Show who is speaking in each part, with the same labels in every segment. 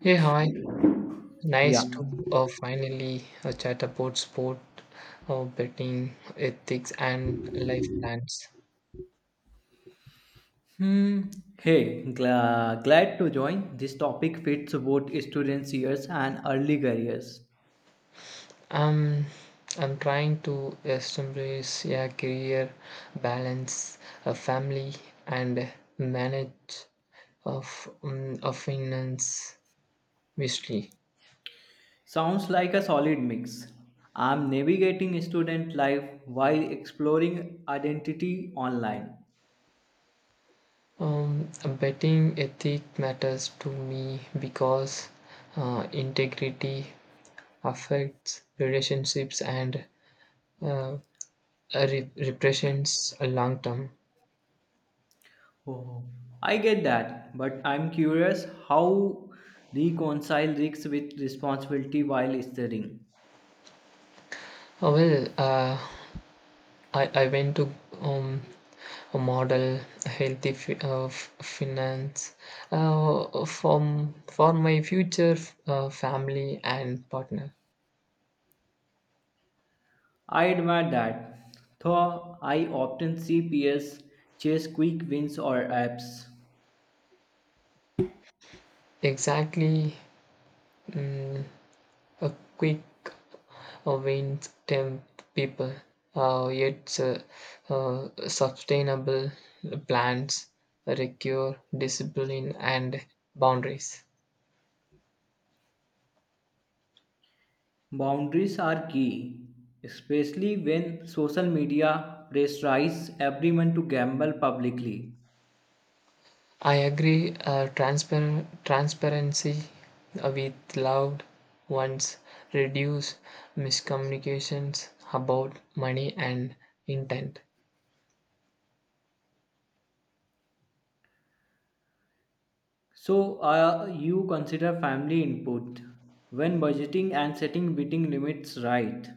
Speaker 1: Hey, hi.
Speaker 2: Yeah.
Speaker 1: Nice to finally chat about sport, betting, ethics, and life plans.
Speaker 2: Hmm. Glad to join. This topic fits both students' years and early careers.
Speaker 1: Um, I'm trying to establish a career balance, a family, and manage of of finance wisely.
Speaker 2: Sounds like a solid mix. I'm navigating student life while exploring identity online.
Speaker 1: Um, Betting ethic matters to me because integrity affects relationships and uh, repressions a long term.
Speaker 2: Oh, I get that, but I'm curious how reconcile risks with responsibility while studying.
Speaker 1: Uh, well, uh, I went to um, a model healthy finance for my future family and partner.
Speaker 2: I admire that, though I often see peers chase quick wins or apps.
Speaker 1: Exactly, mm, a quick wins temp people. Yet Sustainable plans require discipline and boundaries.
Speaker 2: Boundaries are key, especially when social media pressurize everyone to gamble publicly.
Speaker 1: I agree. Transparency with loud ones reduce miscommunications about money and intent.
Speaker 2: So, you consider family input when budgeting and setting bidding limits right.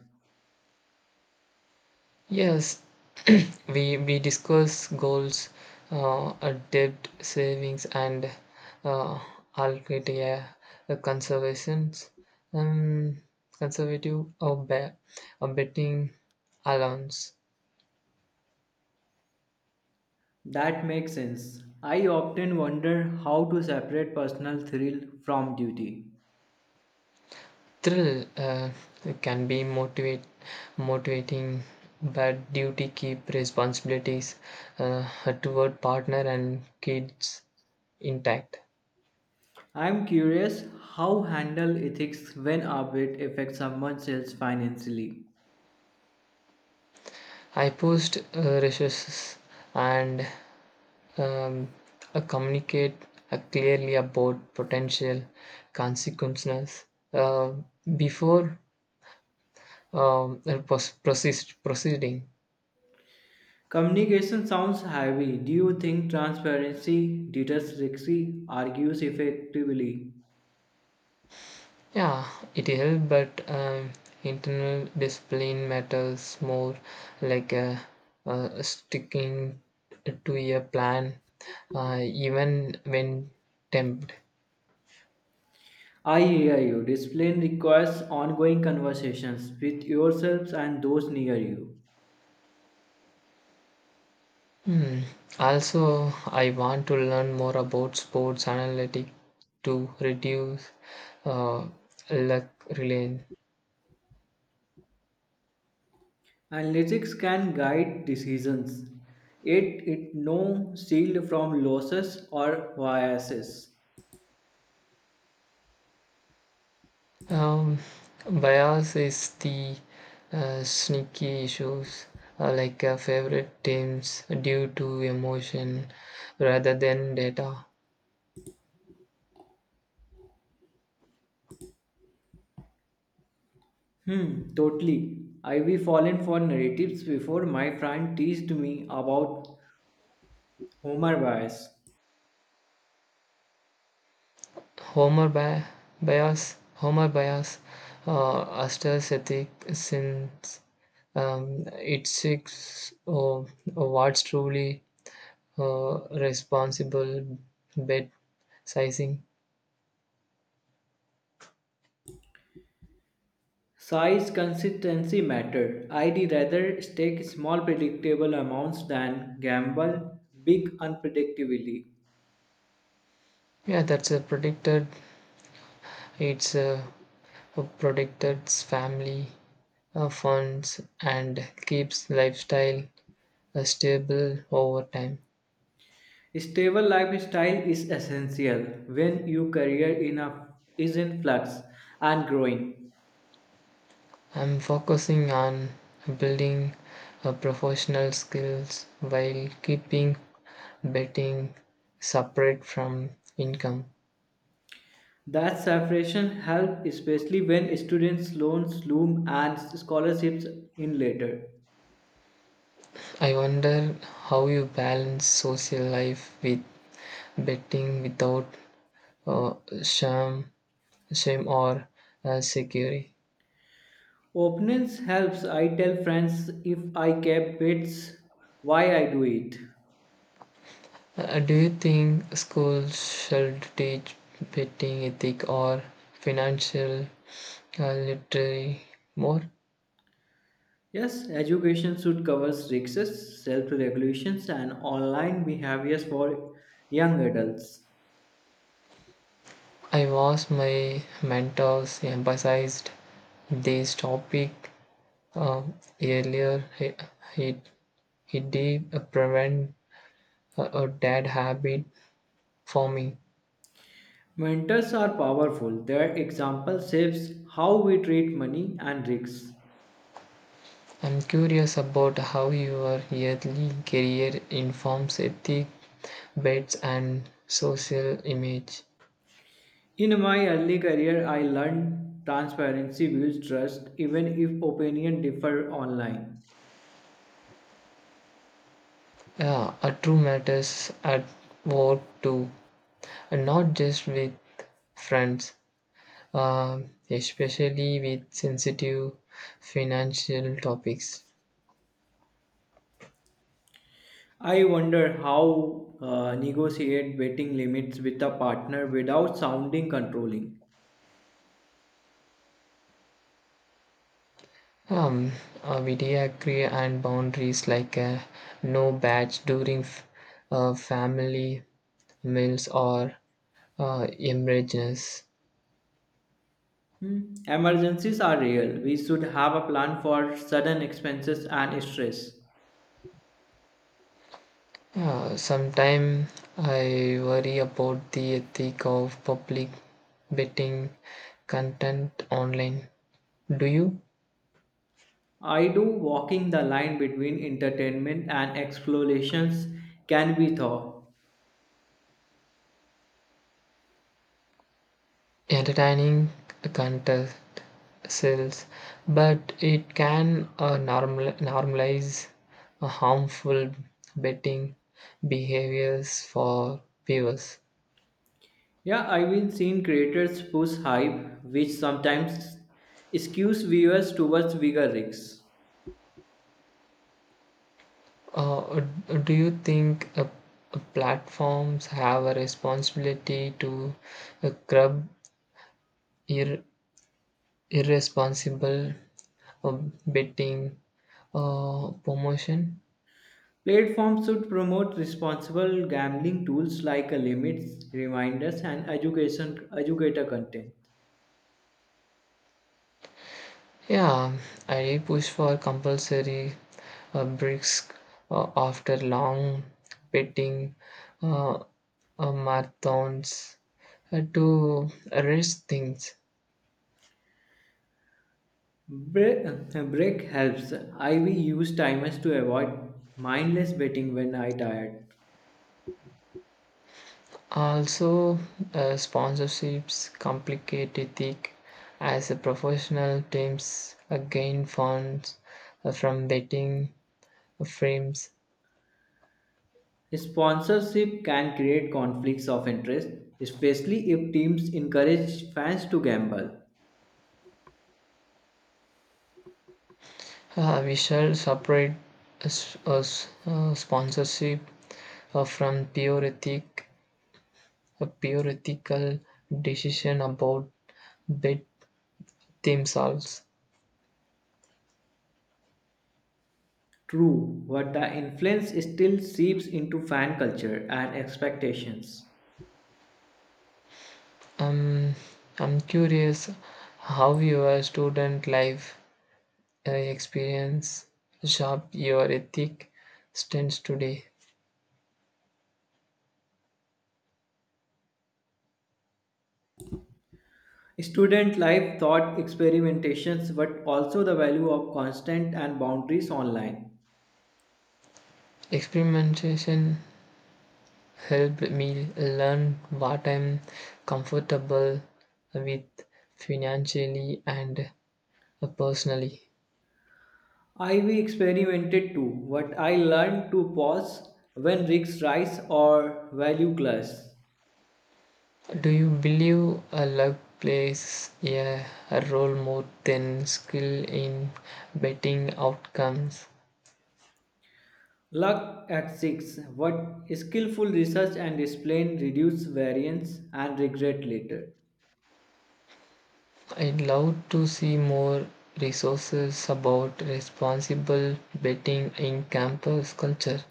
Speaker 1: Yes, we discuss goals, debt savings, and uh, allocated conservations, um, conservative or betting allowance.
Speaker 2: That makes sense. I often wonder how to separate personal thrill from duty.
Speaker 1: Thrill uh, can be motivate motivating, but duty keep responsibilities uh, toward partner and kids intact.
Speaker 2: I'm curious how handle ethics when a bid affects someone else financially.
Speaker 1: I post resources and um, communicate clearly about potential consequences uh, before um, uh, pos- proceed, proceeding.
Speaker 2: Communication sounds heavy. Do you think transparency deters risky argues effectively?
Speaker 1: Yeah, it helps, but internal discipline matters more, like sticking to a plan, even when tempted.
Speaker 2: I hear you. Discipline requires ongoing conversations with yourselves and those near you.
Speaker 1: Hmm. Also, I want to learn more about sports analytics to reduce uh, luck reliance.
Speaker 2: Analytics can guide decisions. It no shield from losses or biases.
Speaker 1: Um, Bias is the sneaky issues like favorite teams due to emotion rather than data.
Speaker 2: Hmm, totally. I have fallen for narratives before my friend teased me about Homer bias.
Speaker 1: Homer bi- Bias, Homer bias, Astor's ethic since it seeks what's truly responsible bet sizing.
Speaker 2: Size consistency matter. I'd rather stake small predictable amounts than gamble big unpredictably.
Speaker 1: Yeah, that's a predicted. It's a, protects its family funds and keeps lifestyle stable over time.
Speaker 2: Stable lifestyle is essential when your career is in flux and growing.
Speaker 1: I'm focusing on building professional skills while keeping betting separate from income.
Speaker 2: That separation helps especially when students loans loom and scholarships in later.
Speaker 1: I wonder how you balance social life with betting without uh, shame, shame or security.
Speaker 2: Openness helps. I tell friends if I kept bits why I do it.
Speaker 1: Do you think schools should teach betting ethic or financial literacy more?
Speaker 2: Yes, education should cover risks, self regulations, and online behaviors for young adults.
Speaker 1: I was my mentors emphasized this topic uh, earlier. He, he did prevent a bad habit for me.
Speaker 2: Mentors are powerful. Their example shapes how we treat money and risks.
Speaker 1: I'm curious about how your early career informs ethic, bets, and social image.
Speaker 2: In my early career, I learned transparency builds trust even if opinion differ online.
Speaker 1: Yeah, a true matters at work too, and not just with friends, especially with sensitive financial topics.
Speaker 2: I wonder how negotiate betting limits with a partner without sounding controlling.
Speaker 1: Um, we agree and boundaries like no batch during family meals or emergencies.
Speaker 2: Hmm, emergencies are real. We should have a plan for sudden expenses and stress.
Speaker 1: Sometimes I worry about the ethic of public betting content online. Do you?
Speaker 2: I do walking the line between entertainment and explorations can be thought.
Speaker 1: Entertaining content sells, but it can normalize harmful betting behaviors for viewers.
Speaker 2: Yeah, I've been seeing creators push hype, which sometimes skews viewers towards bigger risks.
Speaker 1: Uh, do you think platforms have a responsibility to curb ir- irresponsible uh, betting promotion?
Speaker 2: Platforms should promote responsible gambling tools like limits, reminders, and education educator content.
Speaker 1: Yeah, I push for compulsory breaks after long betting uh, uh, marathons to rest things.
Speaker 2: Break, break helps. I we use timers to avoid mindless betting when I tired.
Speaker 1: Also, sponsorships complicated thick as a professional teams gain funds from betting frames.
Speaker 2: Sponsorship can create conflicts of interest, especially if teams encourage fans to gamble.
Speaker 1: We shall separate sponsorship from pure ethic, a theoretical decision about bit themselves.
Speaker 2: True, but the influence still seeps into fan culture and expectations.
Speaker 1: Um, I'm curious how your student life experience shaped your ethic stance today.
Speaker 2: Student life taught experimentations, but also the value of constant and boundaries online.
Speaker 1: Experimentation helped me learn what I'm comfortable with financially and personally.
Speaker 2: I we experimented too, but I learned to pause when risks rise or value clash.
Speaker 1: Do you believe a luck plays a role more than skill in betting outcomes?
Speaker 2: Luck at six, but skillful research and discipline reduce variance and regret later.
Speaker 1: I'd love to see more resources about responsible betting in campus culture.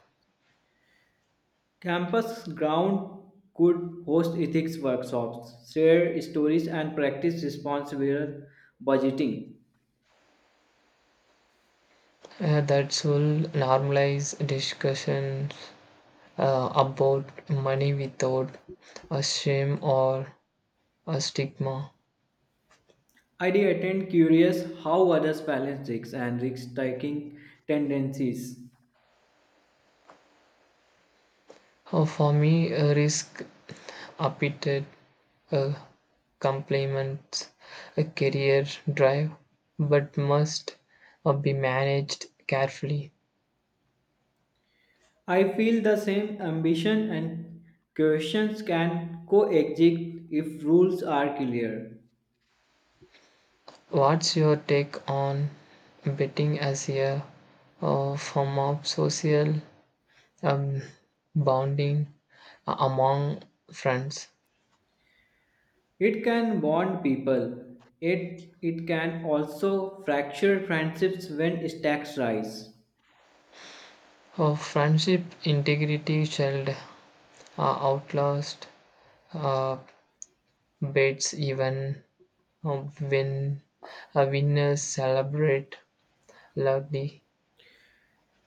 Speaker 2: Campus ground could host ethics workshops, share stories, and practice responsible budgeting.
Speaker 1: That will normalize discussions about money without a shame or a stigma.
Speaker 2: I did attend curious how others balance risks and risk-taking tendencies.
Speaker 1: For me, a risk updated uh, complements a career drive but must be managed carefully.
Speaker 2: I feel the same ambition and questions can coexist if rules are clear.
Speaker 1: What's your take on betting as a form of social um, bonding among friends?
Speaker 2: It can bond people, it can also fracture friendships when stakes rise.
Speaker 1: Friendship integrity shall outlast uh, bets even when winners celebrate Lagni.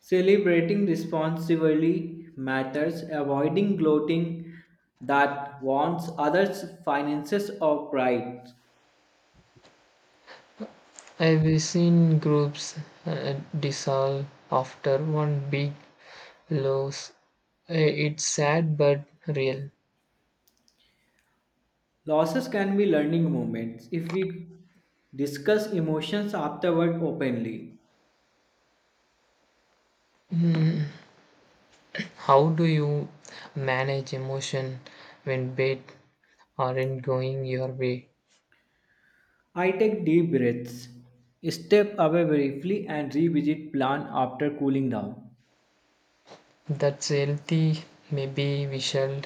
Speaker 2: Celebrating responsibly matters, avoiding gloating that wants others' finances or pride.
Speaker 1: I've seen groups dissolve after one big loss. It's sad but real.
Speaker 2: Losses can be learning moments if we discuss emotions afterward openly.
Speaker 1: How do you manage emotion when bad aren't going your way?
Speaker 2: I take deep breaths, step away briefly, and revisit plan after cooling down.
Speaker 1: That's healthy. Maybe we shall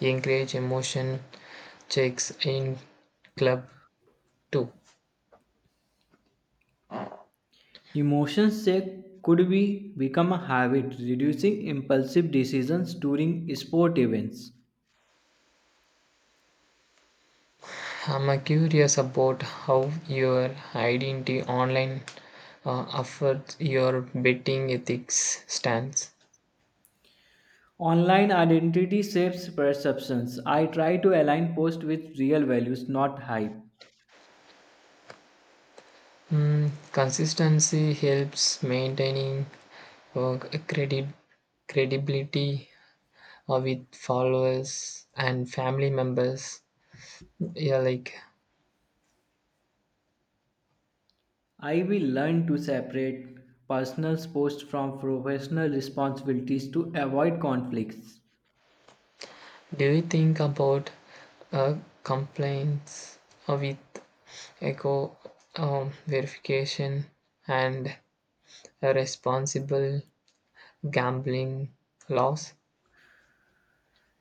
Speaker 1: encourage emotion checks in club too.
Speaker 2: Emotions check could be become a habit, reducing impulsive decisions during sport events.
Speaker 1: I'm curious about how your identity online affects your betting ethics stance.
Speaker 2: Online identity shapes perceptions. I try to align posts with real values, not hype.
Speaker 1: Mm, consistency helps maintaining uh, credi- credibility with followers and family members. Yeah, like,
Speaker 2: I will learn to separate personal posts from professional responsibilities to avoid conflicts.
Speaker 1: do you think about uh, complaints with echo verification and a responsible gambling laws.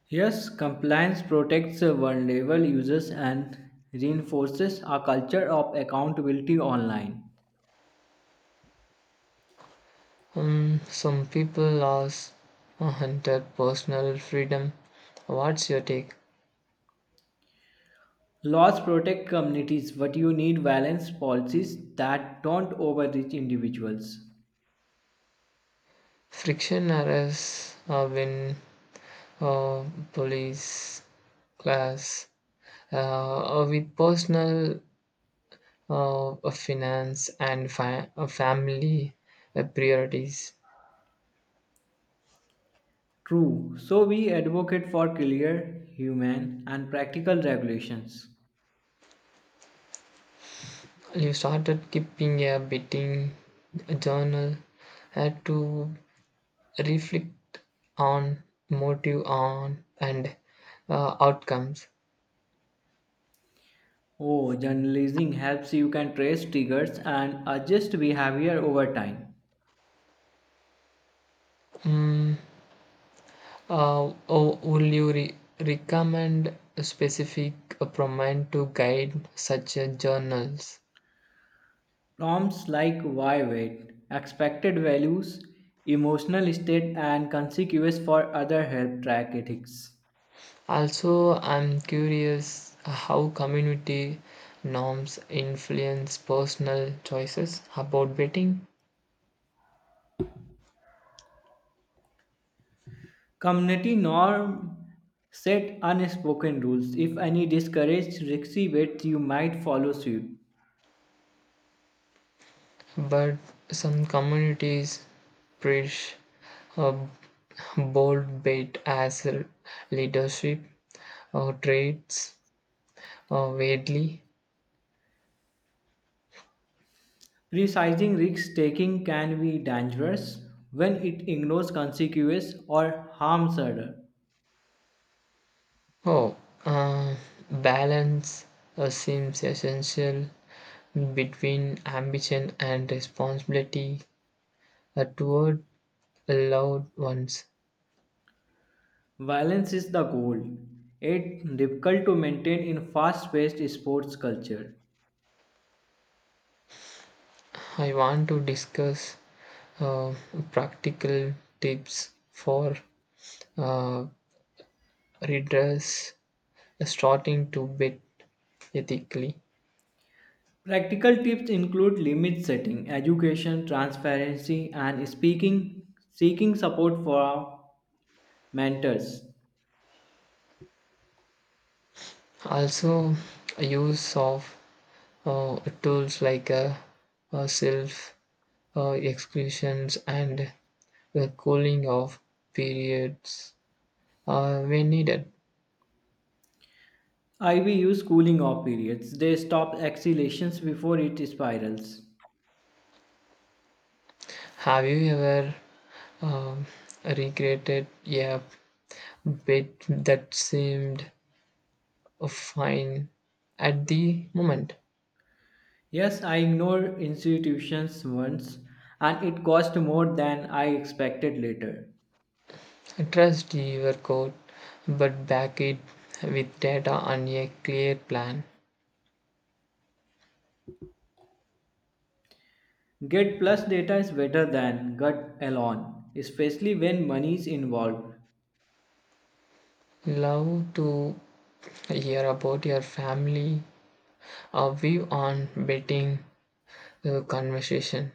Speaker 2: Yes, compliance protects vulnerable users and reinforces a culture of accountability online.
Speaker 1: Some people laws hunted personal freedom. What's your take?
Speaker 2: Laws protect communities, but you need balanced policies that don't overreach individuals.
Speaker 1: Friction arrests when uh, police class with personal finance and family priorities.
Speaker 2: True, so we advocate for clear, human, and practical regulations.
Speaker 1: You started keeping a betting journal to reflect on motive on and outcomes.
Speaker 2: Oh, journalism helps you can trace triggers and adjust behavior over time.
Speaker 1: mm, oh, will you recommend a specific prominent to guide such journals?
Speaker 2: Terms like why wait, expected values, emotional state, and consequences for other help track ethics.
Speaker 1: Also, I'm curious how community norms influence personal choices about betting,
Speaker 2: Community norm set unspoken rules. If any discourage risky bets, you might follow suit.
Speaker 1: but some communities preach a bold bet as leadership or traits or weirdly.
Speaker 2: Precising risk taking can be dangerous when it ignores consequences or harms others.
Speaker 1: Oh, uh, balance seems essential between ambition and responsibility toward loved ones.
Speaker 2: Violence is the goal. It's difficult to maintain in fast-paced sports culture.
Speaker 1: I want to discuss uh, practical tips for uh, readers starting to bid ethically.
Speaker 2: Practical tips include limit setting, education, transparency, and speaking, seeking support for mentors.
Speaker 1: Also, use of tools like self exclusions and the cooling off periods when needed.
Speaker 2: IV use cooling off periods. They stop exhalations before it spirals.
Speaker 1: Have you ever um, recreated a bit that seemed fine at the moment?
Speaker 2: Yes, I ignored institutions once and it cost more than I expected later.
Speaker 1: Trust your code, but back it with data and a clear plan.
Speaker 2: Get plus data is better than gut alone, especially when money is involved.
Speaker 1: Love to hear about your family a view on betting conversation.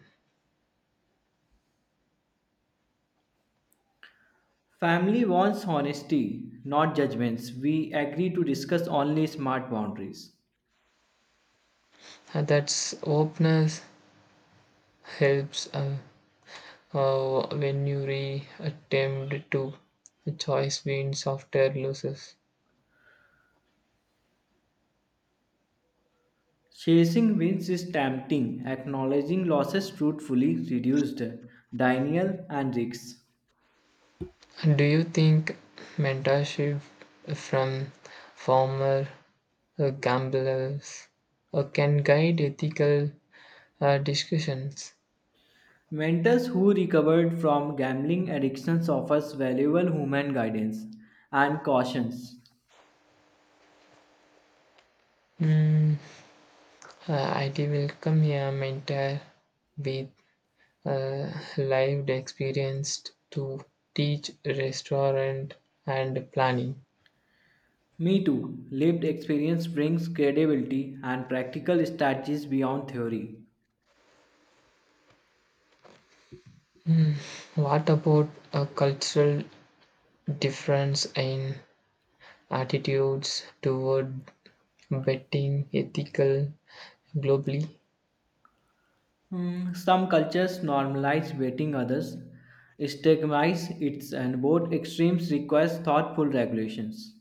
Speaker 2: Family wants honesty, not judgments. We agree to discuss only smart boundaries.
Speaker 1: That's openness helps when you re-attempt to choice wins software losses.
Speaker 2: Chasing wins is tempting. Acknowledging losses truthfully reduced denial and risks.
Speaker 1: Do you think mentorship from former gamblers can guide ethical discussions?
Speaker 2: Mentors who recovered from gambling addictions offers valuable human guidance and cautions.
Speaker 1: Mm, I will come here mentor with uh, lived experience to teach restaurant and planning.
Speaker 2: Me too. Lived experience brings credibility and practical strategies beyond theory.
Speaker 1: Hmm, what about a cultural difference in attitudes toward betting ethical globally?
Speaker 2: Hmm, some cultures normalize waiting, others stigmatize it, and both extremes require thoughtful regulations.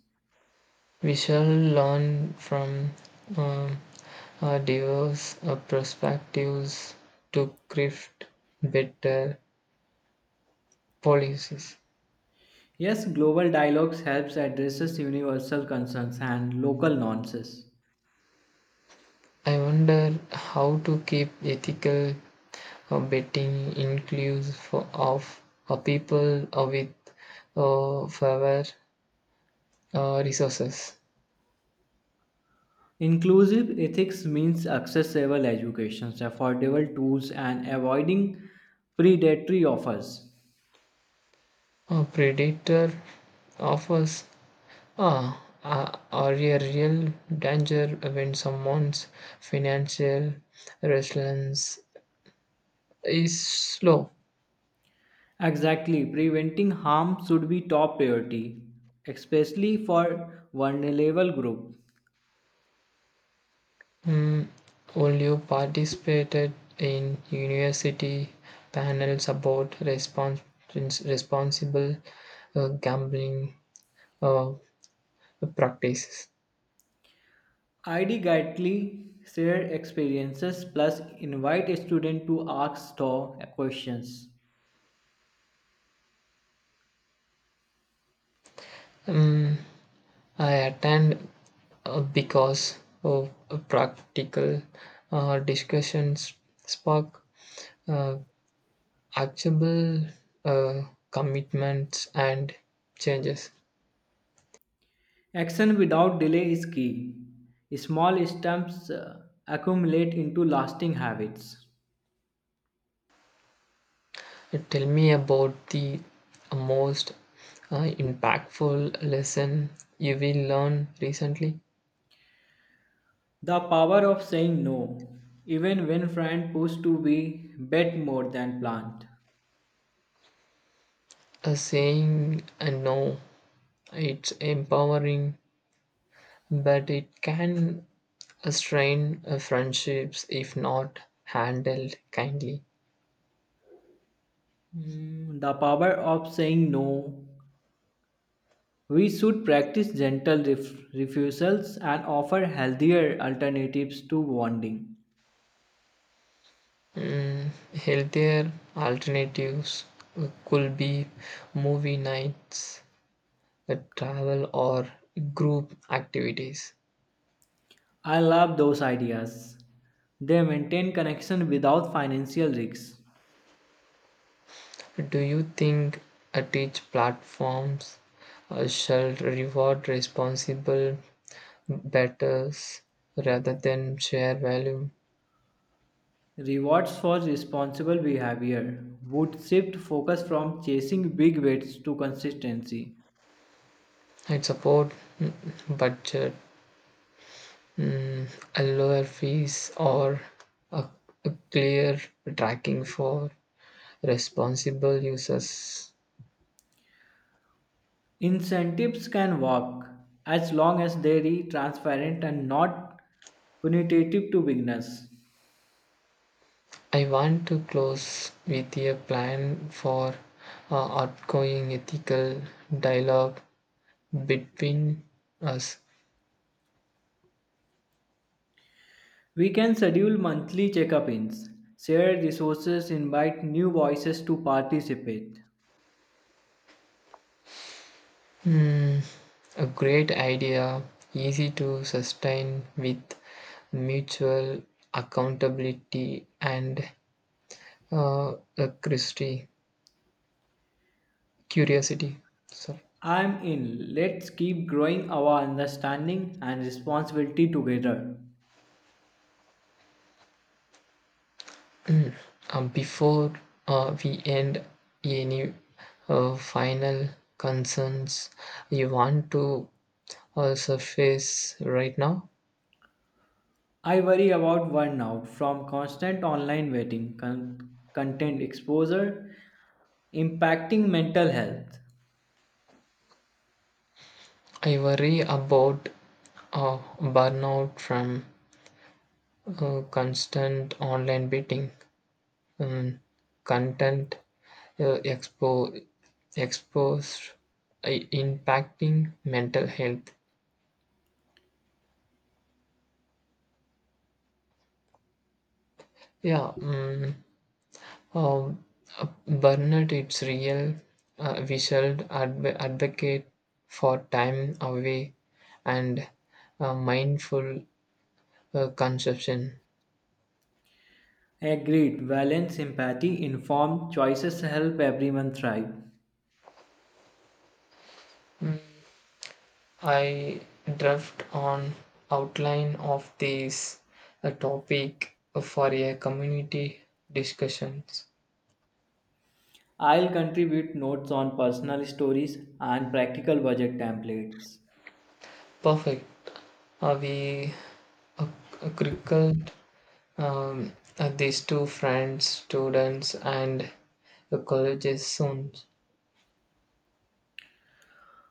Speaker 1: We shall learn from um, diverse perspectives to craft better policies.
Speaker 2: Yes, global dialogues helps addresses universal concerns and local nuances.
Speaker 1: I wonder how to keep ethical betting includes for, of people with fewer resources.
Speaker 2: Inclusive ethics means accessible education, affordable tools, and avoiding predatory offers.
Speaker 1: A predator offers are a real danger when someone's financial resilience is slow.
Speaker 2: Exactly, preventing harm should be top priority, especially for vulnerable groups.
Speaker 1: Mm, will you participated in university panels about responsible gambling? Uh, Practices.
Speaker 2: ID guidely share experiences plus invite a student to ask store questions.
Speaker 1: Mm, I attend because of practical discussions spark uh, actionable uh, commitments and changes.
Speaker 2: Action without delay is key. Small steps accumulate into lasting habits.
Speaker 1: Tell me about the most impactful lesson you will learn recently.
Speaker 2: The power of saying no, even when friend push to be bet more than planned.
Speaker 1: A saying, no, it's empowering, but it can a strained friendships, if not handled kindly.
Speaker 2: Mm, the power of saying no. We should practice gentle refusals and offer healthier alternatives to bonding.
Speaker 1: Mm, healthier alternatives could be movie nights, travel, or group activities.
Speaker 2: I love those ideas. They maintain connection without financial risks.
Speaker 1: Do you think teach platforms shall reward responsible betters rather than share value?
Speaker 2: Rewards for responsible behavior would shift focus from chasing big weights to consistency.
Speaker 1: I support, mm, budget, Mm, a lower fees or a, a clear tracking for responsible users.
Speaker 2: Incentives can work as long as they are transparent and not punitive to beginners.
Speaker 1: I want to close with a plan for outgoing ethical dialogue between us.
Speaker 2: We can schedule monthly check-ins, share resources, invite new voices to participate.
Speaker 1: Mm, a great idea, easy to sustain with mutual accountability and uh, a Christi, curiosity. Sorry.
Speaker 2: I'm in. Let's keep growing our understanding and responsibility together.
Speaker 1: Mm. Before we end, any final concerns you want to surface right now?
Speaker 2: I worry about burnout from constant online waiting, content exposure, impacting mental health.
Speaker 1: I worry about burnout from constant online beating, um, content uh, expo- exposed, uh, impacting mental health. Yeah, mm. Uh, Bernard, it's real. We should advocate for time away and mindful consumption.
Speaker 2: Agreed, balance, empathy, informed choices help everyone thrive.
Speaker 1: I draft on outline of this topic for a community discussions.
Speaker 2: I'll contribute notes on personal stories and practical budget templates.
Speaker 1: Perfect. We uh, crickled um, these two friends, students, and colleges soon.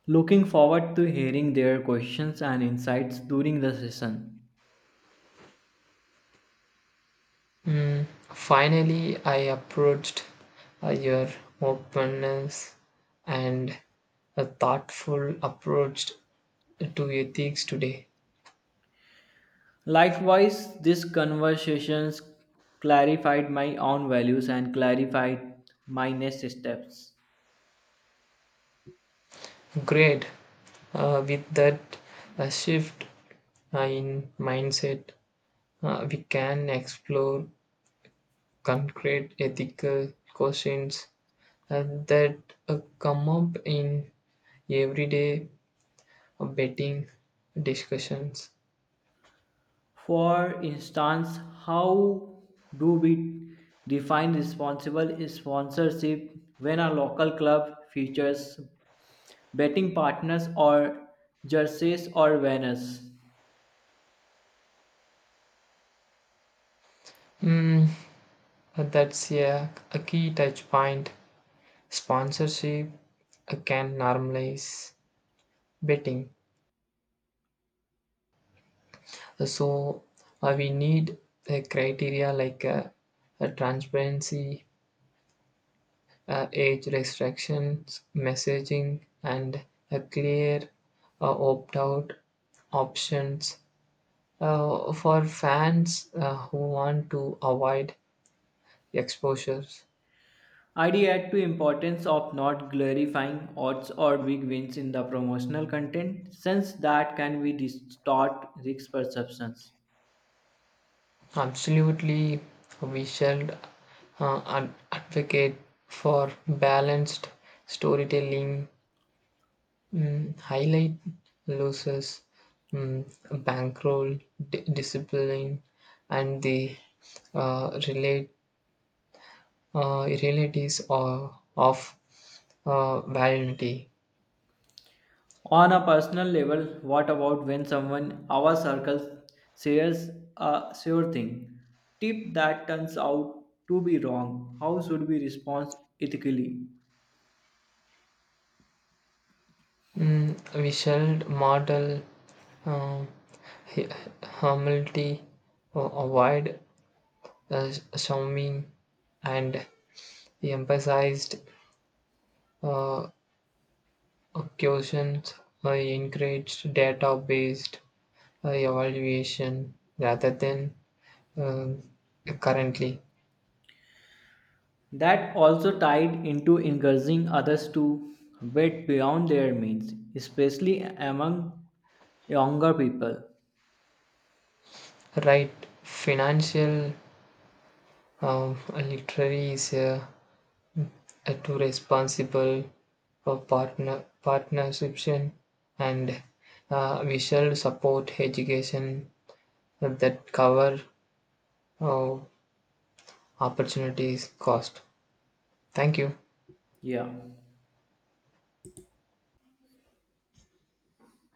Speaker 2: Looking forward to hearing their questions and insights during the session.
Speaker 1: Mm, finally, I approached your openness and a thoughtful approach to ethics today.
Speaker 2: Likewise, these conversations clarified my own values and clarified my next steps.
Speaker 1: Great. With that shift in mindset, we can explore concrete ethical questions that come up in everyday betting discussions.
Speaker 2: For instance, how do we define responsible sponsorship when a local club features betting partners or jerseys or banners?
Speaker 1: Mm. That's, yeah, a key touch point. Sponsorship can normalize betting. So we need a criteria like a transparency, age restrictions, messaging, and a clear opt-out options for fans who want to avoid exposures.
Speaker 2: I'd add to importance of not glorifying odds or big wins in the promotional content since that can be distort risk perceptions.
Speaker 1: Absolutely, we should advocate for balanced storytelling, highlight losses, mm, bankroll, discipline, and the relate realities of vanity.
Speaker 2: On a personal level, what about when someone our circles says a sure thing? Tip that turns out to be wrong. How should we respond ethically?
Speaker 1: Mm, we shall model uh, hu- humility, avoid uh, Xiaomi, and he emphasized uh, occasions, encouraged data based evaluation rather than uh, currently.
Speaker 2: That also tied into encouraging others to bet beyond their means, especially among younger people.
Speaker 1: Right, financial literacy is a too responsible for partnership and we shall support education that cover uh, opportunities cost. Thank you.
Speaker 2: Yeah.